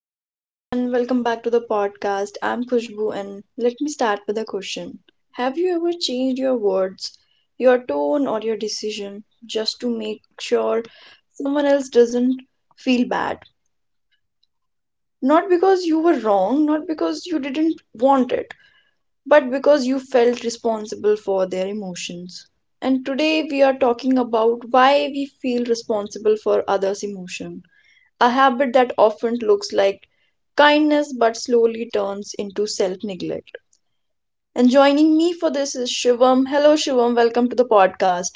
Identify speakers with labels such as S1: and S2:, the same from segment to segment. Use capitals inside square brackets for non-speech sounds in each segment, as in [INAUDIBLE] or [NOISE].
S1: Hello everyone, welcome back to the podcast. I'm Khushbu and let me start with a question. Have you ever changed your words, your tone, or your decision just to make sure someone else doesn't feel bad? Not because you were wrong, not because you didn't want it, but because you felt responsible for their emotions. And today we are talking about why we feel responsible for others' emotions, a habit that often looks like kindness but slowly turns into self neglect. And joining me for this is Shivam. Hello, Shivam. Welcome to the podcast.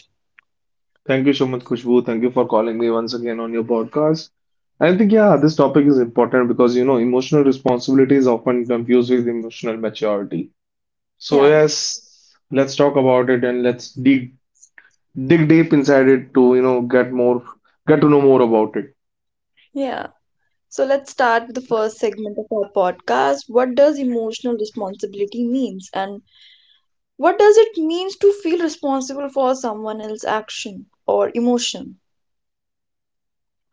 S2: Thank you so much, Kushbu. Thank you for calling me once again on your podcast. I think, yeah, this topic is important because, you know, emotional responsibility is often confused with emotional maturity. So,
S1: Yeah,
S2: yes, let's talk about it and let's dig deep inside it to, you know, get to know more about it.
S1: yeah. So let's start with the first segment of our podcast. What does emotional responsibility means, and what does it means to feel responsible for someone else's action or emotion?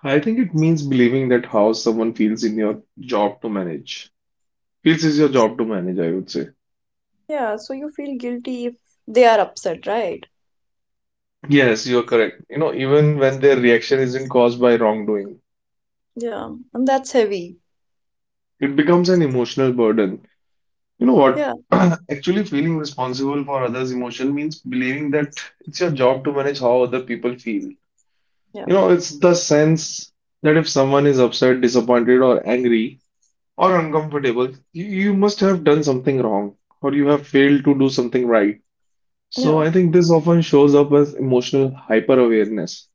S2: I think it means believing that how someone feels in your job to manage. Feels is your job to manage, I would say.
S1: Yeah, so you feel guilty if they are upset, right?
S2: Yes, you're correct. You know, even when their reaction isn't caused by wrongdoing,
S1: Yeah, and that's heavy.
S2: it becomes an emotional burden. You know what?
S1: Yeah,
S2: [CLEARS THROAT] Actually, feeling responsible for others' emotion means believing that it's your job to manage how other people feel.
S1: yeah,
S2: You know, it's the sense that if someone is upset, disappointed, or angry or uncomfortable, you must have done something wrong or you have failed to do something right. So
S1: yeah,
S2: I think this often shows up as emotional hyper-awareness.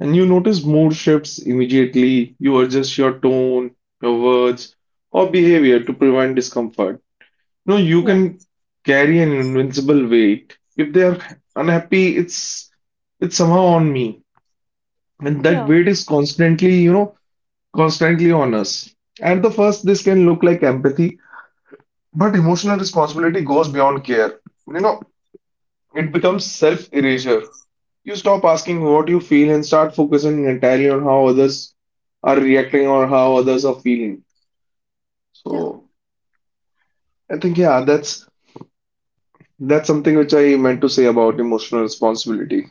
S2: And you notice mood shifts immediately. You adjust your tone, your words, or behavior to prevent discomfort. No, you
S1: yeah,
S2: can carry an invincible weight. If they are unhappy, it's somehow on me. And that
S1: yeah,
S2: weight is constantly, you know, constantly on us. At the first, this can look like empathy, but emotional responsibility goes beyond care. You know, it becomes self-erasure. You stop asking what you feel and start focusing entirely on how others are reacting or how others are feeling. So I think yeah, that's something which I meant to say about emotional responsibility.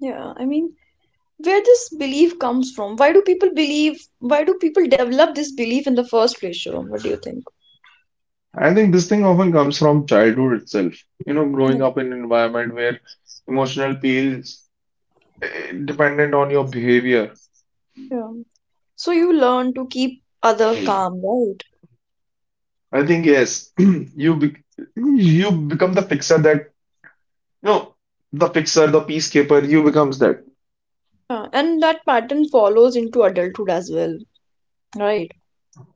S1: Yeah. I mean, where this belief comes from? Why do people believe? Why do people develop this belief in the first place, Shirom? What do you think?
S2: I think this thing often comes from childhood itself. You know,
S1: Yeah.
S2: growing up in an environment where emotional peels dependent on your behavior.
S1: Yeah. So you learn to keep other calm, right?
S2: I think yes, [CLEARS THROAT] you become the fixer that no, the fixer, the peacekeeper, you becomes that.
S1: Yeah. And that pattern follows into adulthood as well, right?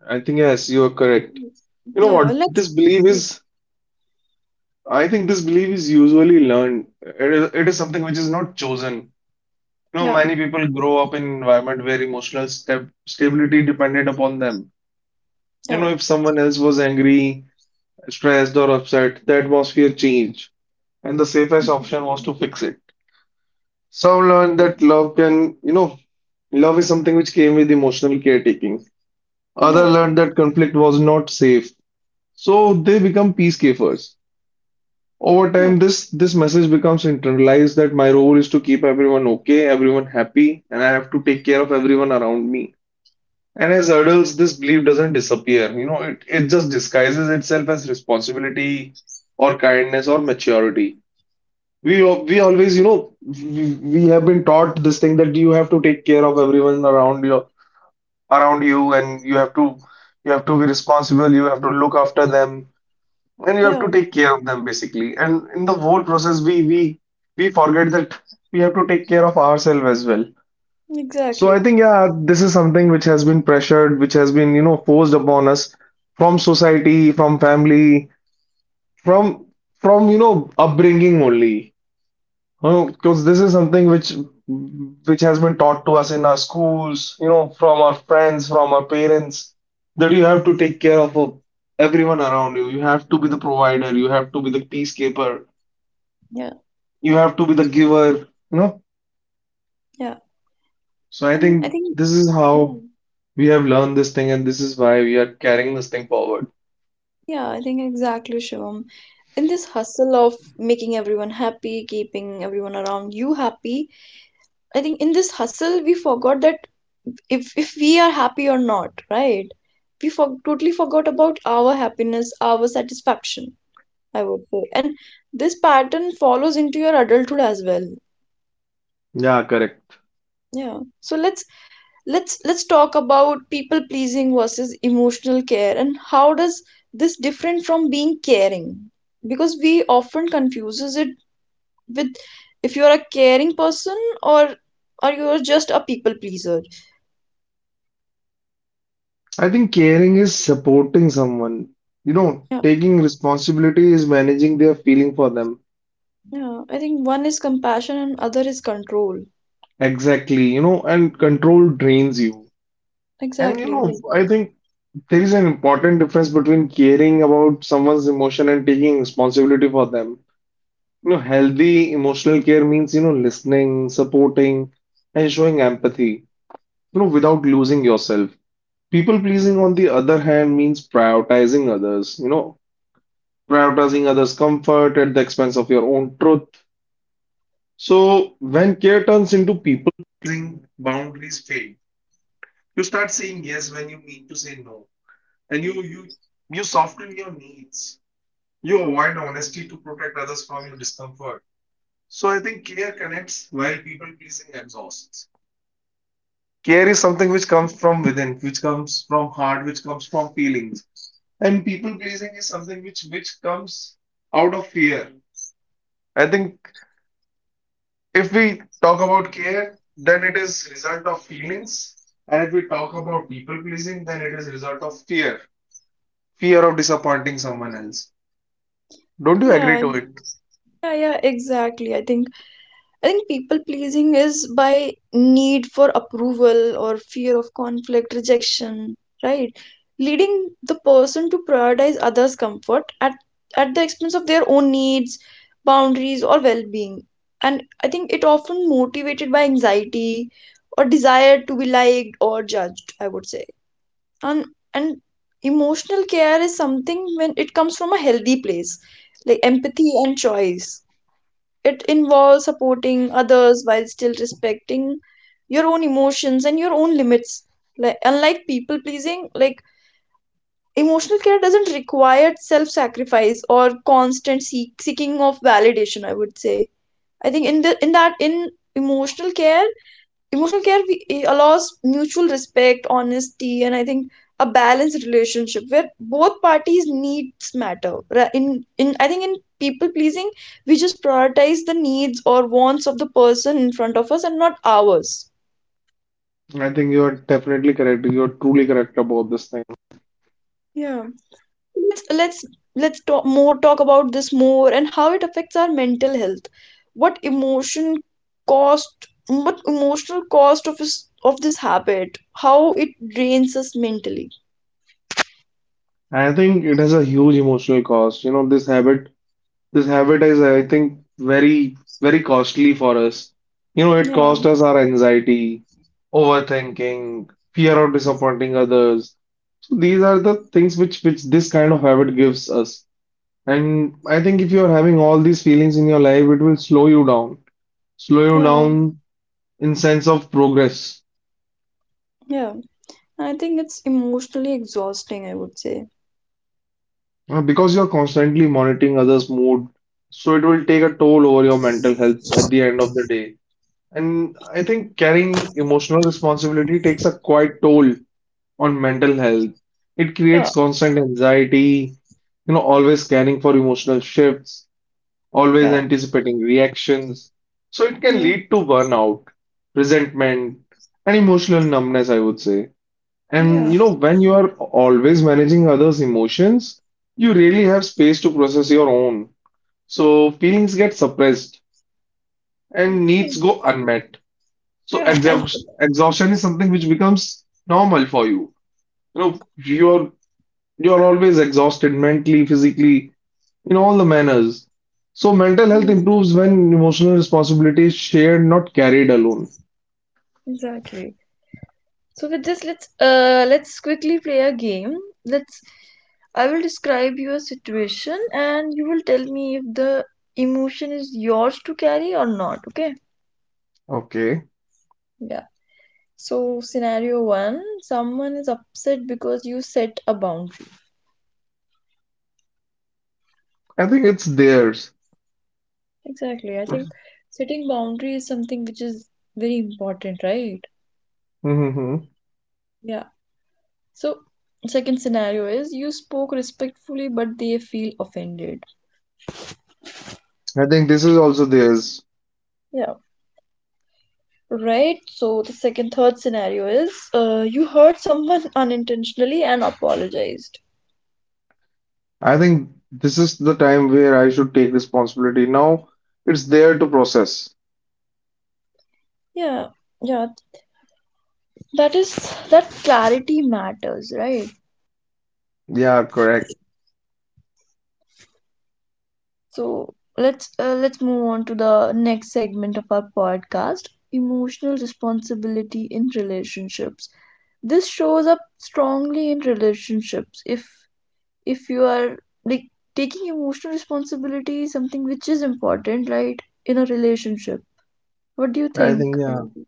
S2: I think yes, you are correct.
S1: Yes.
S2: You know
S1: Yeah.
S2: what?
S1: Let's.
S2: I think this belief is usually learned. It is something which is not chosen. You know,
S1: Yeah.
S2: many people grow up in environment where emotional step stability depended upon them. You
S1: Yeah.
S2: know, if someone else was angry, stressed, or upset, the atmosphere changed, and the safest
S1: Mhm.
S2: option was to fix it. So I've learned that love can, you know, love is something which came with emotional caretaking. Other
S1: Yeah.
S2: learned that conflict was not safe, so they become peacekeepers. Over
S1: Yeah.
S2: time, this message becomes internalized that my role is to keep everyone okay, everyone happy, and I have to take care of everyone around me. And as adults, this belief doesn't disappear. You know, it just disguises itself as responsibility or kindness or maturity. We always, you know, we have been taught this thing that you have to take care of everyone around you, and you have to be responsible. You have to look after them, and you have
S1: Yeah.
S2: to take care of them basically. And in the whole process, we we forget that we have to take care of ourselves as well. So I
S1: Exactly.
S2: think yeah, this is something which has been pressured, which has been you know forced upon us from society, from family, from from you know upbringing only. Because this is something which has been taught to us in our schools, you know, from our friends, from our parents, that you have to take care of everyone around you. You have to be the provider. You have to be the peacekeeper.
S1: Yeah.
S2: You have to be the giver. You know.
S1: Yeah.
S2: So I
S1: And I
S2: think
S1: think.
S2: this is
S1: Yeah.
S2: how we have learned this thing, and this is why we are carrying this thing forward.
S1: Yeah, I think exactly, Shivam. In this hustle of making everyone happy, keeping everyone around you happy, I think in this hustle we forgot that if we are happy or not, right? We for totally forgot about our happiness, our satisfaction, I would say. And this pattern follows into your adulthood as well.
S2: Yeah, correct.
S1: Yeah. So let's let's talk about people pleasing versus emotional care, and how does this different from being caring, because we often confuses it with if you are a caring person, or you are just a people pleaser.
S2: I think caring is supporting someone. You know,
S1: Yeah.
S2: taking responsibility is managing their feeling for them.
S1: Yeah, I think one is compassion and other is control.
S2: Exactly, you know, and control drains you. And you
S1: Exactly,
S2: know, I
S1: exactly.
S2: think there is an important difference between caring about someone's emotion and taking responsibility for them. You know, healthy emotional care means, you know, listening, supporting, and showing empathy, you know, without losing yourself. People pleasing, on the other hand, means prioritizing others, you know, prioritizing others' comfort at the expense of your own truth. So when care turns into people pleasing, boundaries fade. You start saying yes when you need to say no, and you soften your needs. You avoid honesty to protect others from your discomfort. So I think care connects while people pleasing exhausts. Care is something which comes from within, which comes from heart, which comes from feelings. And people pleasing is something which comes out of fear. I think if we talk about care, then it is result of feelings. And if we talk about people pleasing, then it is result of fear. Fear of disappointing someone else. Don't you
S1: yeah
S2: agree to it?
S1: ex- yeah, exactly. I think people pleasing is by need for approval or fear of conflict, rejection, right? Leading the person to prioritize others' comfort at the expense of their own needs, boundaries, or well being. And I think it often motivated by anxiety or desire to be liked or judged, I would say. And and emotional care is something when it comes from a healthy place, like empathy and choice. It involves supporting others while still respecting your own emotions and your own limits. Like unlike people pleasing, like emotional care doesn't require self-sacrifice or constant seeking of validation, I would say. I think in the in that in emotional care, emotional care allows mutual respect, honesty, and I think a balanced relationship where both parties needs matter. In I think in people pleasing we just prioritize the needs or wants of the person in front of us and not ours.
S2: I think you are definitely correct. You are truly correct about this thing.
S1: Yeah. let's let's let's talk more, talk about this more, and how it affects our mental health. what emotion cost what emotional cost of this, habit, how it drains us mentally?
S2: I think it has a huge emotional cost. This habit is, I think, very costly for us. You know, it
S1: Yeah.
S2: cost us our anxiety, overthinking, fear of disappointing others. So these are the things which this kind of habit gives us. And I think if you are having all these feelings in your life, it will slow you
S1: Yeah.
S2: down in sense of progress.
S1: Yeah, and I think it's emotionally exhausting, I would say.
S2: Because you are constantly monitoring others' mood, so it will take a toll over your mental health at the end of the day. And I think carrying emotional responsibility takes a quite toll on mental health. It
S1: Yeah,
S2: creates constant anxiety, you know, always caring for emotional shifts, always
S1: yeah,
S2: anticipating reactions. So it can
S1: yeah,
S2: lead to burnout, resentment, and emotional numbness, I would say. And
S1: yeah,
S2: you know, when you are always managing others' emotions, you really have space to process your own. So feelings get suppressed and
S1: yeah,
S2: needs go unmet. So
S1: yeah, and
S2: exhaustion, exhaustion is something which becomes normal for you. You know, you're always exhausted mentally, physically, in all the manners. So mental health improves when emotional responsibility is shared, not carried alone.
S1: exactly. So with this, let's quickly play a game. Let's I will describe you a situation and you will tell me if the emotion is yours to carry or not, okay?
S2: Okay.
S1: Yeah. So scenario one, someone is upset because you set a boundary.
S2: I think it's theirs.
S1: Exactly. I think setting boundary is something which is very important, right?
S2: Hmm.
S1: Yeah. So, second scenario is you spoke respectfully, but they feel offended.
S2: I think this is also theirs.
S1: Yeah, right. So, the third scenario is you hurt someone [LAUGHS] unintentionally and apologized.
S2: I think this is the time where I should take responsibility. Now it's there to process.
S1: Yeah, yeah, that is that clarity matters, right?
S2: Yeah, correct.
S1: So, let's move on to the next segment of our podcast, emotional responsibility in relationships. This shows up strongly in relationships. If you are, like, taking emotional responsibility, something which is important, right, in a relationship? What do you
S2: I
S1: think
S2: think yeah.
S1: about it?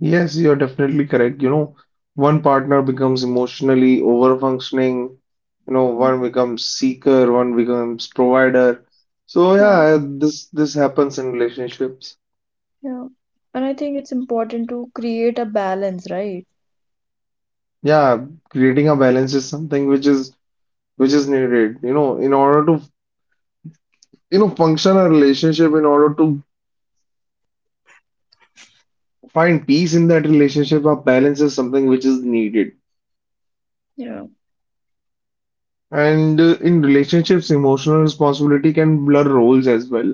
S2: Yes, you're definitely correct. You know, one partner becomes emotionally overfunctioning, you know,
S1: Um,
S2: one becomes seeker, one becomes provider. So
S1: yeah.
S2: yeah, this happens in relationships.
S1: Yeah, and I think it's important to create a balance, right?
S2: Yeah, creating a balance is something which is needed, you know, in order to you know function a relationship, in order to find peace in that relationship, a balance is something which is needed.
S1: Yeah.
S2: And in relationships, emotional responsibility can blur roles as well.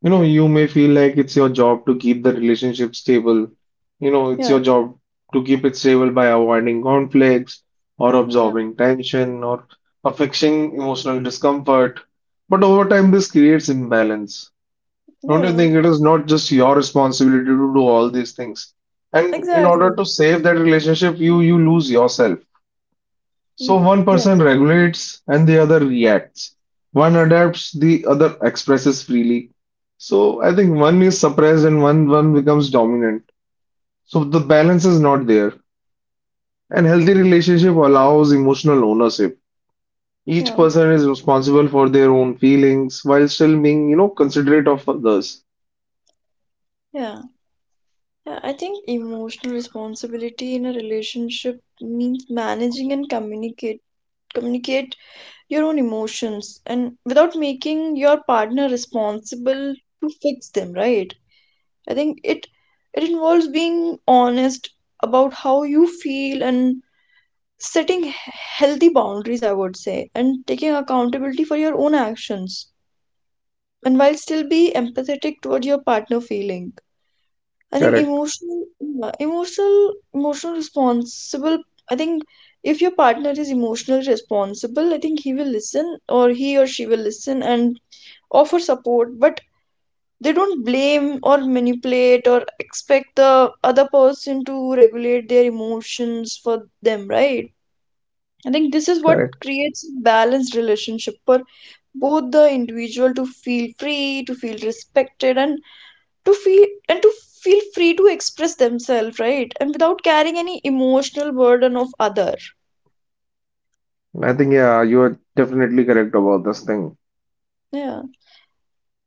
S2: You know, you may feel like it's your job to keep the relationship stable. You know, it's your
S1: Yeah,
S2: job to keep it stable by avoiding conflicts or
S1: yeah,
S2: absorbing tension or affecting emotional discomfort. But over time, this creates imbalance. Don't you
S1: yeah,
S2: think it is not just your responsibility to do all these things? And in order
S1: exactly.
S2: to save that relationship, you lose yourself. So
S1: Mm,
S2: one person
S1: yes,
S2: regulates and the other reacts. One adapts, the other expresses freely. So I think one is suppressed and one becomes dominant. So the balance is not there. And healthy relationship allows emotional ownership. Each
S1: yeah,
S2: person is responsible for their own feelings while still being, you know, considerate of others.
S1: yeah, yeah. I think emotional responsibility in a relationship means managing and communicate communicate your own emotions, and without making your partner responsible to fix them, right? I think it involves being honest about how you feel, and setting healthy boundaries, I would say, and taking accountability for your own actions, and while still be empathetic toward your partner feeling. I think
S2: Correct,
S1: emotional yeah, emotional emotional responsible. I think if your partner is emotionally responsible, I think he will listen, or he or she will listen, and offer support, but they don't blame or manipulate or expect the other person to regulate their emotions for them, right? I think this is what
S2: correct.
S1: creates a balanced relationship, for both the individual to feel free, to feel respected, and to feel free to express themselves, right, and without carrying any emotional burden of other.
S2: I think yeah, you are definitely correct about this thing.
S1: Yeah.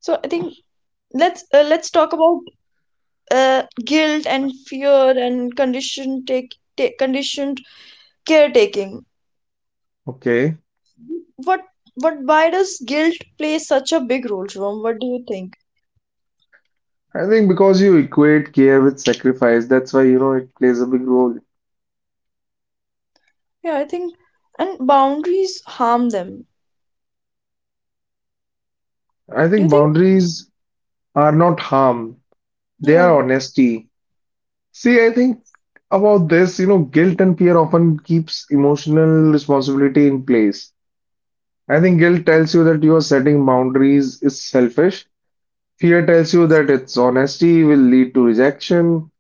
S1: So I think, let's talk about guilt and fear and conditioned take, take conditioned caretaking.
S2: Okay.
S1: What, why does guilt play such a big role, Shivam? What do you think?
S2: I think because you equate care with sacrifice, that's why you know it plays a big role.
S1: Yeah, I think, and boundaries harm them.
S2: I
S1: Do
S2: think
S1: you think?
S2: boundaries are not harm, they
S1: Yeah,
S2: are honesty. See, I think about this, you know, guilt and fear often keeps emotional responsibility in place. I think guilt tells you that you are setting boundaries is selfish. Fear tells you that its honesty will lead to rejection,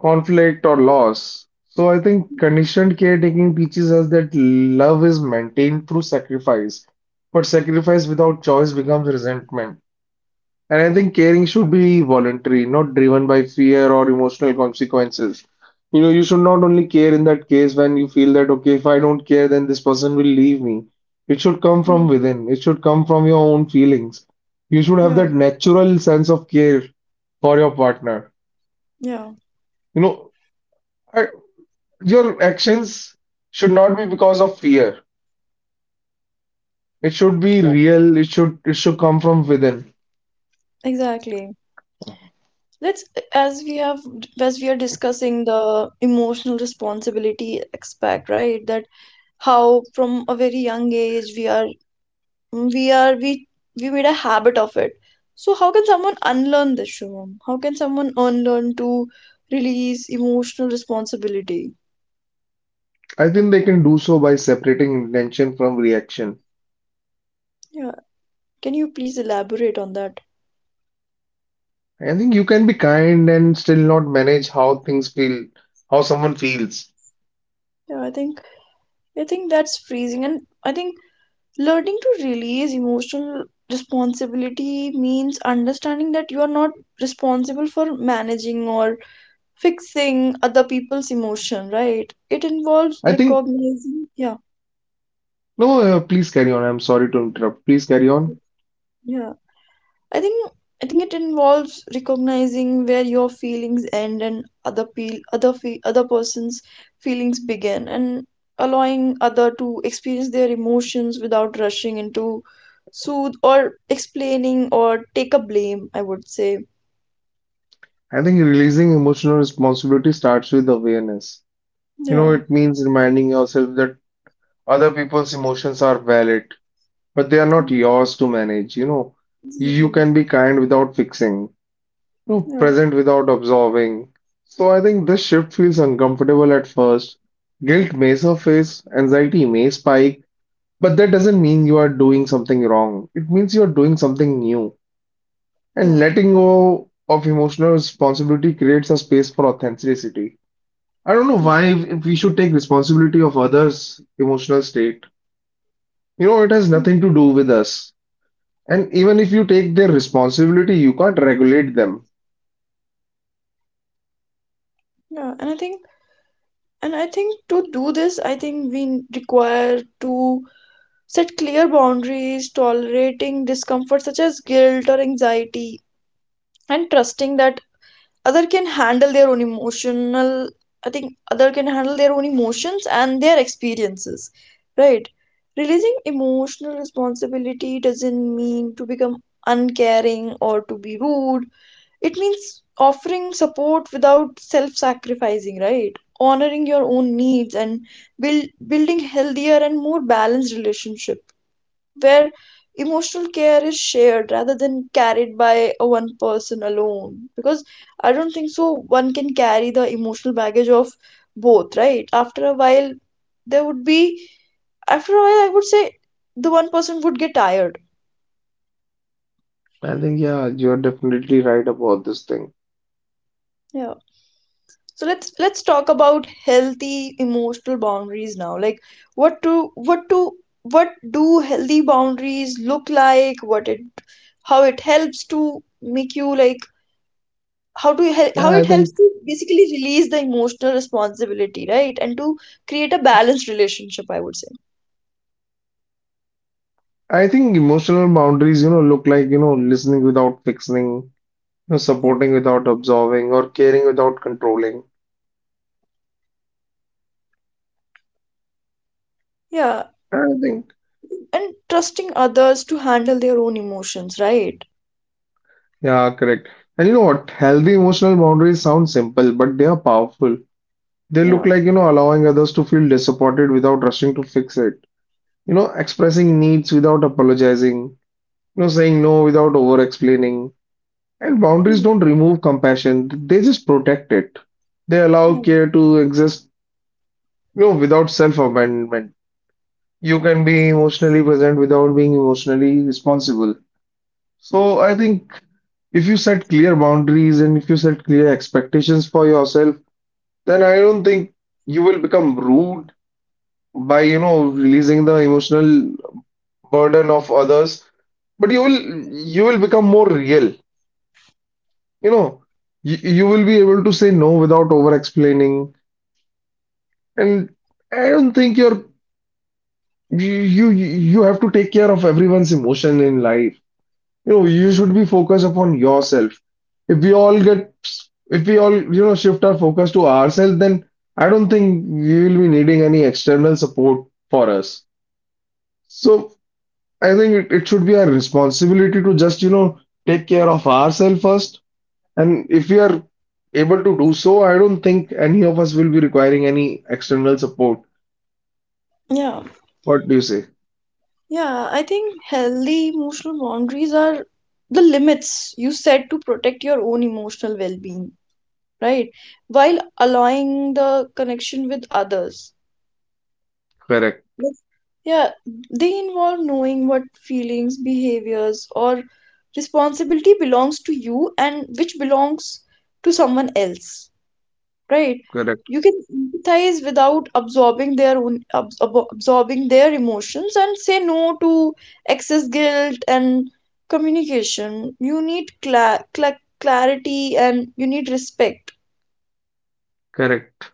S2: conflict, or loss. So I think conditioned caretaking teaches us that love is maintained through sacrifice, but sacrifice without choice becomes resentment. And I think caring should be voluntary, not driven by fear or emotional consequences. You know, you should not only care in that case when you feel that, okay, if I don't care, then this person will leave me. It should come from
S1: mm,
S2: within, it should come from your own feelings. You should have
S1: yeah,
S2: that natural sense of care for your partner.
S1: yeah,
S2: You know, I, your actions should not be because of fear. It should be
S1: yeah.
S2: real, it should come from within.
S1: Exactly. Let's As we have, as we are discussing the emotional responsibility aspect, right? That how from a very young age we we made a habit of it. So how can someone unlearn this, Shivam? How can someone unlearn to release emotional responsibility?
S2: I think they can do so by separating intention from reaction.
S1: Yeah, can you please elaborate on that?
S2: I think you can be kind and still not manage how things feel, how someone feels.
S1: Yeah, I think, that's freezing. And I think learning to release emotional responsibility means understanding that you are not responsible for managing or fixing other people's emotion, right? It involves
S2: I think,
S1: recognizing, yeah.
S2: no, please carry on. I'm sorry to interrupt. Please carry on.
S1: Yeah, I think, it involves recognizing where your feelings end and other peel other fe- other person's feelings begin, and allowing other to experience their emotions without rushing into soothe, or explaining, or take a blame, I would say.
S2: I think releasing emotional responsibility starts with awareness. You know,
S1: Yeah,
S2: it means reminding yourself that other people's emotions are valid, but they are not
S1: mm,
S2: yours to manage. You know, you
S1: exactly.
S2: can be kind without fixing, you know,
S1: Yeah.
S2: present without absolving. So I think this shift feels uncomfortable at first. Guilt may surface, anxiety may spike. But that doesn't mean you are doing something wrong. It means you are doing something new.
S1: Yeah.
S2: And letting go of emotional responsibility creates a space for authenticity. I don't know
S1: Yeah.
S2: why we should take responsibility of others' emotional state. You know, it has
S1: Mm,
S2: nothing to do with us. And even if you take their responsibility, you can't regulate them.
S1: yeah. And I think, to do this, I think we require to set clear boundaries, tolerating discomfort such as guilt or anxiety, and trusting that other can handle their own emotional. I think other can handle their own emotions and their experiences, right? Releasing emotional responsibility doesn't mean to become uncaring or to be rude. It means offering support without self-sacrificing, right? Honoring your own needs, and building healthier and more balanced relationship, where emotional care is shared rather than carried by a one person alone, because I don't think so one can carry the emotional baggage of both, right? After a while, there would be, after a while, I would say, the one person would get tired.
S2: I think, yeah, you're definitely right about this thing.
S1: Yeah. So let's talk about healthy emotional boundaries now. Like what to what to what do healthy boundaries look like? What it how it helps to make you like how to you
S2: Yeah,
S1: How
S2: I
S1: it
S2: think
S1: helps to basically release the emotional responsibility, right, and to create a balanced relationship, I would say?
S2: emotional boundaries, you know, look like, you know, listening without fixing know,
S1: Yeah.
S2: supporting without absolving or caring without controlling.
S1: Yeah,
S2: I think,
S1: and trusting others to handle their own emotions, right?
S2: yeah, correct. And you know what? Healthy emotional boundaries sound simple, but they are powerful. They look
S1: Yeah.
S2: like, you know, allowing others to feel disappointed without rushing to fix it. You know, expressing needs without apologizing. You know, saying no without over explaining. And boundaries
S1: Mm.
S2: don't remove compassion, they just protect it. They allow
S1: Yeah.
S2: care to exist, you know, without self abandonment. You can be emotionally present without being emotionally responsible. So I think if you set clear boundaries and if you set clear expectations for yourself, then I don't think you will become rude by, you know, releasing the emotional burden of others. But you will become more real. You know, you will be able to say no without over explaining. And I don't think you're you you you have to take care of everyone's emotion in life. You know, you should be focused upon yourself. If we all get, if we all, you know, shift our focus to ourselves, then I don't think we will be needing any external support for us. So I think it should be our responsibility to just, you know, take care of ourselves first. And if we are able to do so, I don't think any of us will be requiring any external support.
S1: Yeah,
S2: What do you say?
S1: yeah, I think healthy emotional boundaries are the limits you set to protect your own emotional well-being, right, while allowing the connection with others.
S2: Correct,
S1: Yes. Yeah, they involve knowing what feelings, behaviors, or responsibility belongs to you and which belongs to someone else, right?
S2: correct,
S1: You can empathize without absorbing their own, absorbing their emotions, and say no to excess guilt and communication. You need clarity, and you need respect.
S2: correct.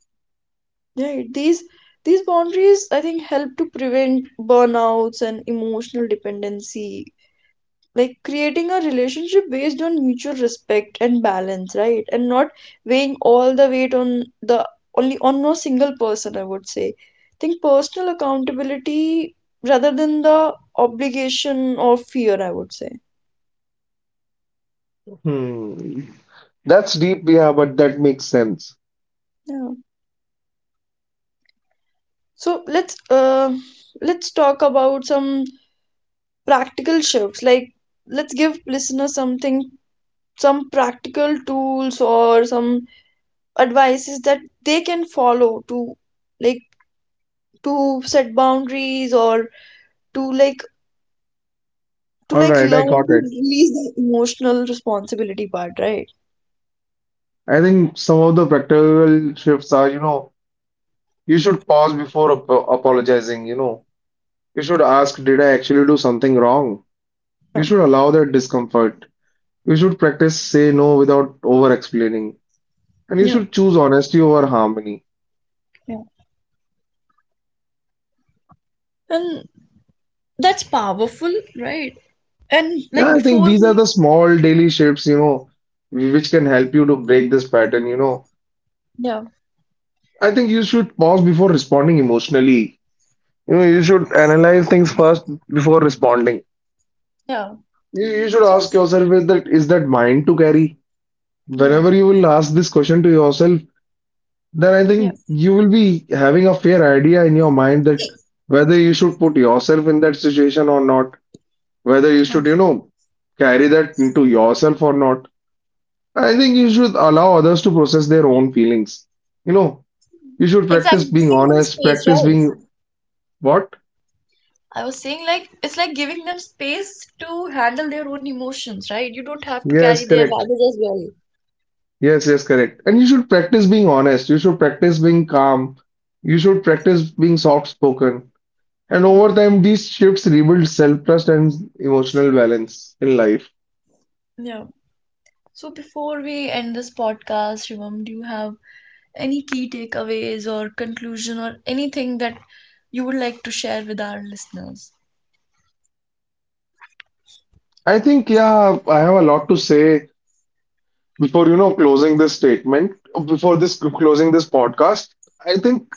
S1: Right. These, boundaries, I think, help to prevent burnouts and emotional dependency. Like creating a relationship based on mutual respect and balance, right? And not weighing all the weight on the only on no single person, I would say. I think personal accountability rather than the obligation or fear, I would say.
S2: Hmm. That's deep, yeah, but that makes sense.
S1: Yeah. So let's talk about some practical shifts. Like let's give listeners something, some practical tools or some advices that they can follow to, like, to set boundaries, or to like,
S2: All right, I got
S1: learn to
S2: it.
S1: release the emotional responsibility part, right?
S2: I think some of the practical shifts are, you know, you should pause before ap apologizing, you know. You should ask, did I actually do something wrong? You
S1: Yeah.
S2: should allow that discomfort. You should practice say no without over explaining. And you
S1: Yeah,
S2: should choose honesty over harmony.
S1: yeah, and that's powerful, right? And like
S2: Yeah, I think
S1: before
S2: these are
S1: we,
S2: the small daily shifts, you know, which can help you to break this pattern, you know.
S1: yeah,
S2: I think you should pause before responding emotionally. You know, you should analyze things first before responding.
S1: yeah.
S2: You should
S1: So
S2: ask yourself is that mine to carry?
S1: yeah,
S2: Whenever you will ask this question to yourself, then I
S1: yeah
S2: think you will be having a fair idea in your mind that whether you should put yourself in that situation or not, whether you
S1: yeah,
S2: should, you know, carry that into yourself or not. I think you should allow others to process their own feelings. You know, you should practice
S1: exactly,
S2: being
S1: giving them
S2: honest,
S1: space,
S2: practice
S1: right?
S2: being what?
S1: I was saying, like, it's like giving them space to handle their own emotions, right? You don't have to
S2: Yes,
S1: carry their
S2: correct.
S1: baggage as well.
S2: Yes, yes, correct. And you should practice being honest. You should practice being calm. You should practice being soft spoken. And over time, these shifts rebuild self trust and emotional balance in life.
S1: Yeah. So before we end this podcast, Shivam, do you have any key takeaways or conclusion or anything that you would like to share with our listeners?
S2: I think, yeah, I have a lot to say before, you know, closing this statement, before this closing this podcast. I think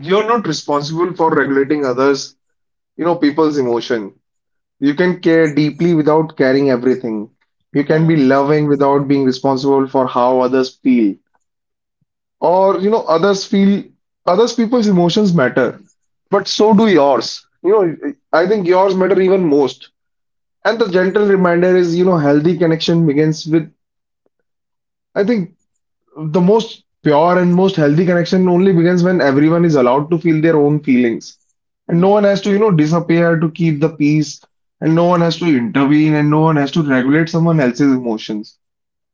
S2: you're not responsible for regulating others, you know, people's emotion. You can care deeply without caring everything. You can be
S1: Yeah.
S2: loving without being responsible for how others feel. Or, you know, others feel, others people's emotions matter, but so do
S1: Yeah.
S2: yours, you know. I think yours matter even most. And the gentle reminder is, you know, healthy connection begins with, I think, the most pure and most healthy connection only begins when everyone is allowed to feel their own feelings, and no
S1: Yeah.
S2: one has to, you know, disappear to keep the peace, and no one has to intervene and no one has to regulate someone else's emotions.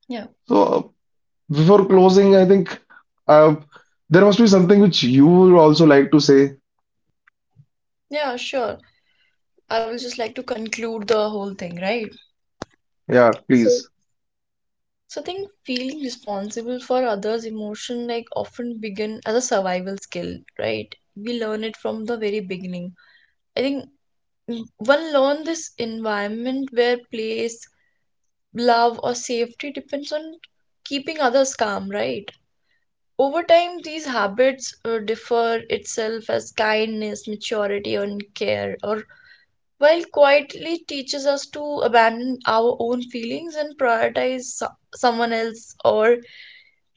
S1: Yeah.
S2: So before closing, I think uh, there must be something which you would also like to say.
S1: Yeah, sure. I will just like to conclude the whole thing, right?
S2: Yeah,
S1: So,
S2: please.
S1: I think feeling responsible for others' emotion, like, often begin as a survival skill, right? We learn it from the very beginning. I think one learn this environment where place love or safety depends on keeping others calm, right? Over time, these habits differ itself as kindness, maturity, and care, or while quietly teaches us to abandon our own feelings and prioritize someone else, or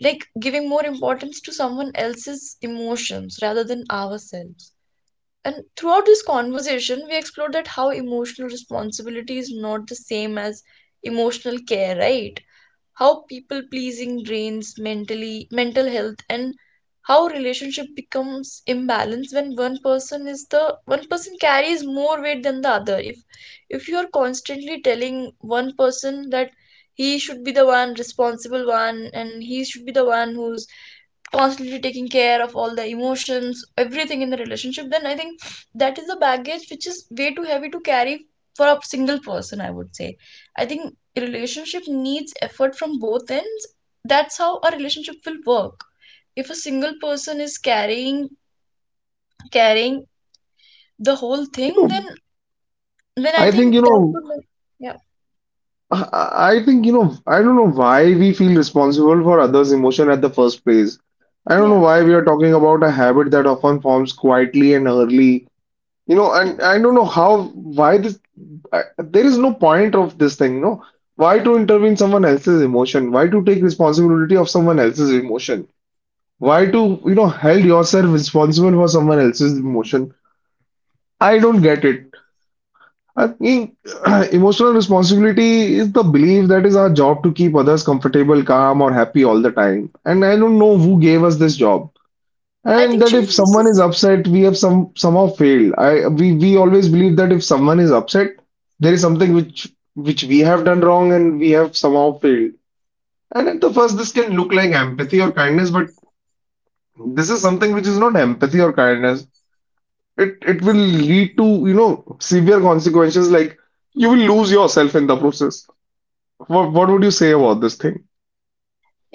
S1: like giving more importance to someone else's emotions rather than ourselves. And throughout this conversation, we explored that how emotional responsibility is not the same as emotional care, right? How people pleasing drains mental health, and how relationship becomes imbalanced when one person carries more weight than the other. If you are constantly telling one person that he should be the one responsible one and he should be the one who's constantly taking care of all the emotions, everything in the relationship, then I think that is a baggage which is way too heavy to carry for a single person, I would say. I think a relationship needs effort from both ends. That's how a relationship will work. If a single person is carrying the whole
S2: You
S1: thing, then
S2: know,
S1: then I
S2: I think,
S1: think
S2: you
S1: that
S2: know,
S1: would... Yeah,
S2: I think, you know, I don't know why we feel responsible for others' emotion at the first place. I don't know
S1: yeah,
S2: why we are talking about a habit that often forms quietly and early. You know,
S1: yeah.
S2: and I don't know how, why this, I, there is no point of this thing, no? Why to intervene someone else's emotion? Why to take responsibility of someone else's emotion? Why to, you know, held yourself responsible for someone else's emotion? I don't get it. I think [CLEARS THROAT] emotional responsibility is the belief that is our job to keep others comfortable, calm, or happy all the time. And I don't know who gave us this job.
S1: I
S2: And
S1: think,
S2: that if
S1: Shivam, this
S2: someone
S1: is...
S2: is upset, we have some somehow failed. I we always believe that if someone is upset, there is something which we have done wrong and we have somehow failed. And at the first, this can look like empathy or kindness, but this is something which is not empathy or kindness. It will lead to, you know, severe consequences like you will lose yourself in the process. What would you say about this thing?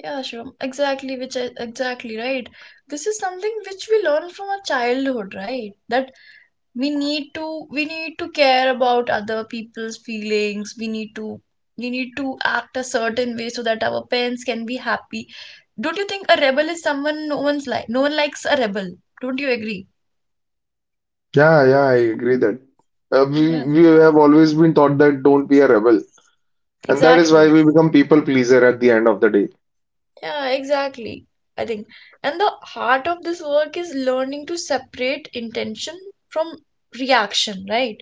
S1: Yeah, Shivam, exactly, exactly right. This is something which we learn from our childhood, right? That we need to care about other people's feelings. We need to act a certain way so that our parents can be happy. Don't you think a rebel is someone, no one's like, no one likes a rebel? Don't you agree?
S2: Yeah, yeah, I agree that we
S1: Yeah,
S2: we have always been taught that don't be a rebel, and that is
S1: exactly.
S2: why we become people pleaser at the end of the day.
S1: Yeah, exactly. I think, and the heart of this work is learning to separate intention from reaction, right?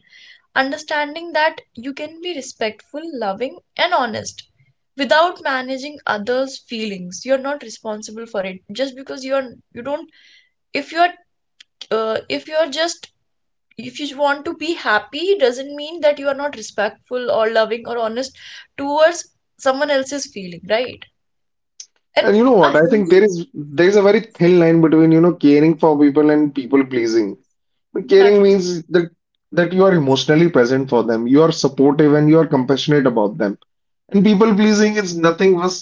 S1: Understanding that you can be respectful, loving, and honest without managing others' feelings. You're not responsible for it just because you don't. If you're uh, if you're just if you want to be happy doesn't mean that you are not respectful or loving or honest towards someone else's feeling, right?
S2: And
S1: And
S2: you know
S1: a
S2: what? I think there
S1: healthy...
S2: is there is a very thin line between, you know, caring for people and people pleasing. But caring
S1: Exactly.
S2: means that you are emotionally present for them, you are supportive and you are compassionate about them. And people pleasing is nothing but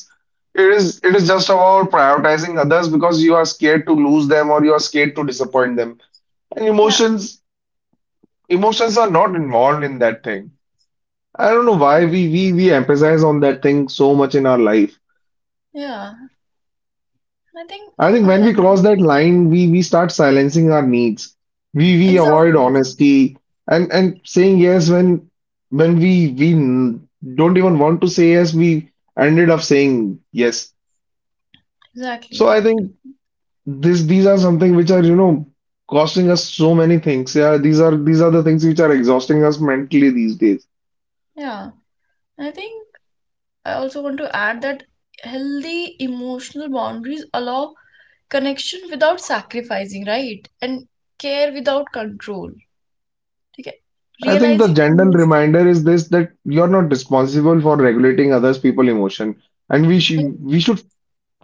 S2: it is just about prioritizing others because you are scared to lose them or you are scared to disappoint them. And
S1: Yeah.
S2: emotions are not involved in that thing. I don't know why we emphasize on that thing so much in our life.
S1: Yeah. I think
S2: I think
S1: a
S2: when we cross
S1: healthy...
S2: that line, we start silencing our needs. We avoid
S1: Exactly.
S2: honesty and saying yes when we n- don't even want to say yes. We ended up saying yes.
S1: Exactly,
S2: So I
S1: exactly, exactly.
S2: think this these are something which are, you know, costing us so many things. Yeah, these are the things which are exhausting us mentally these days.
S1: Yeah. I think I also want to add that healthy emotional boundaries allow connection without sacrificing, right? And care without control. Okay.
S2: I think the
S1: Realizing
S2: general
S1: emotional...
S2: reminder is this, that you're not responsible for regulating others people emotion, and we
S1: Yeah,
S2: should we should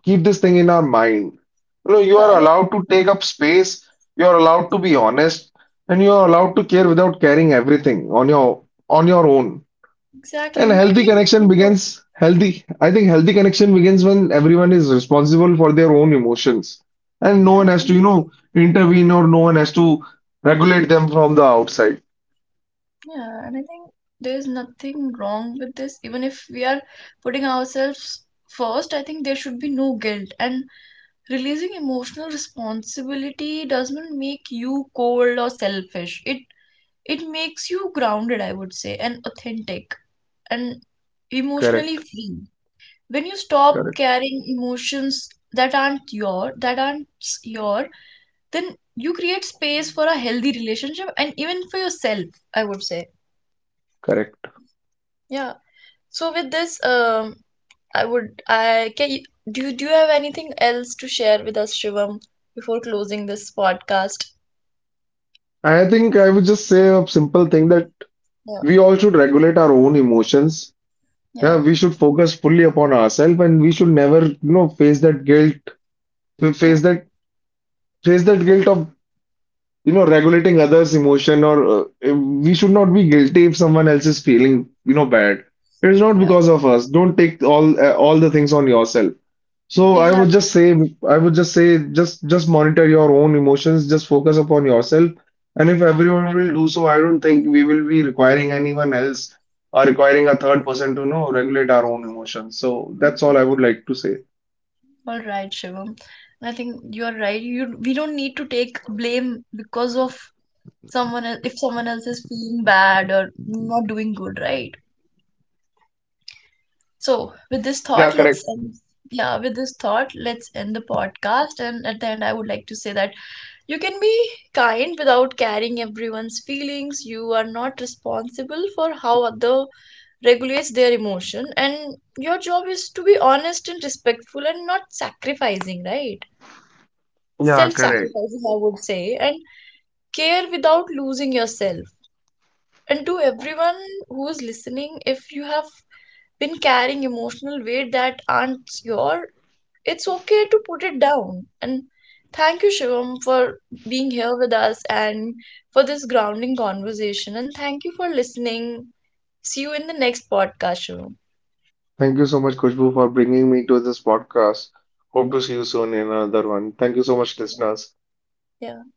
S2: keep this thing in our mind. You know, you
S1: and
S2: are allowed to take up space, you are allowed to be honest, and you are allowed to care without carrying everything on your own.
S1: exactly,
S2: And
S1: you can
S2: healthy
S1: give
S2: connection
S1: info-
S2: begins healthy. I think healthy connection begins when everyone is responsible for their own emotions. And no
S1: yeah,
S2: one has to,
S1: mm,
S2: you know, intervene or no one has to regulate them from the outside.
S1: yeah, and I think there's nothing wrong with this, even if we are putting ourselves first. I think there should be no guilt, and releasing emotional responsibility doesn't make you cold or selfish. It makes you grounded, I would say, and authentic, and emotionally
S2: Correct,
S1: free. When you stop
S2: correct,
S1: carrying emotions that aren't your then you create space for a healthy relationship and even for yourself, I would say.
S2: correct.
S1: Yeah. So with this, I would I can you, do you have anything else to share with us, Shivam, before closing this podcast?
S2: I think I would just say a simple thing, that
S1: Yeah,
S2: we all should regulate our own emotions.
S1: yeah,
S2: Yeah, we should focus fully upon ourselves and we should never, you know, face that guilt,
S1: yeah,
S2: face that face that guilt of, you know, regulating others' emotion. Or we should not be guilty if someone else is feeling, you know, bad. It is not
S1: yeah,
S2: because of us. Don't take all the things on yourself. So
S1: exactly.
S2: I would just say, just monitor your own emotions, just focus upon yourself. And if everyone will do so, I don't think we will be requiring anyone else or requiring a third person to, you know, regulate our own emotions. So that's all I would like to say.
S1: All right, Shivam. And I think you are right. You... We don't need to take blame because of someone else if someone else is feeling bad or not doing good, right? So with this
S2: Yeah,
S1: thought, let's
S2: correct.
S1: end. Yeah, with this thought, let's end the podcast. And at the end, I would like to say that you can be kind without carrying everyone's feelings. You are not responsible for how other regulates their emotion, and your job is to be honest and respectful and not sacrificing, right?
S2: Yeah,
S1: Self
S2: correct.
S1: sacrificing, I would say, and care without losing yourself. And to everyone who is listening, if you have been carrying emotional weight that aren't your, it's okay to put it down. And thank you, Shivam, for being here with us and for this grounding conversation. And thank you for listening. See you in the next podcast, Shivam.
S2: Thank you so much, Kushbu, for bringing me to this podcast. Hope to see you soon in another one. Thank you so much,
S1: Yeah.
S2: listeners.
S1: Yeah.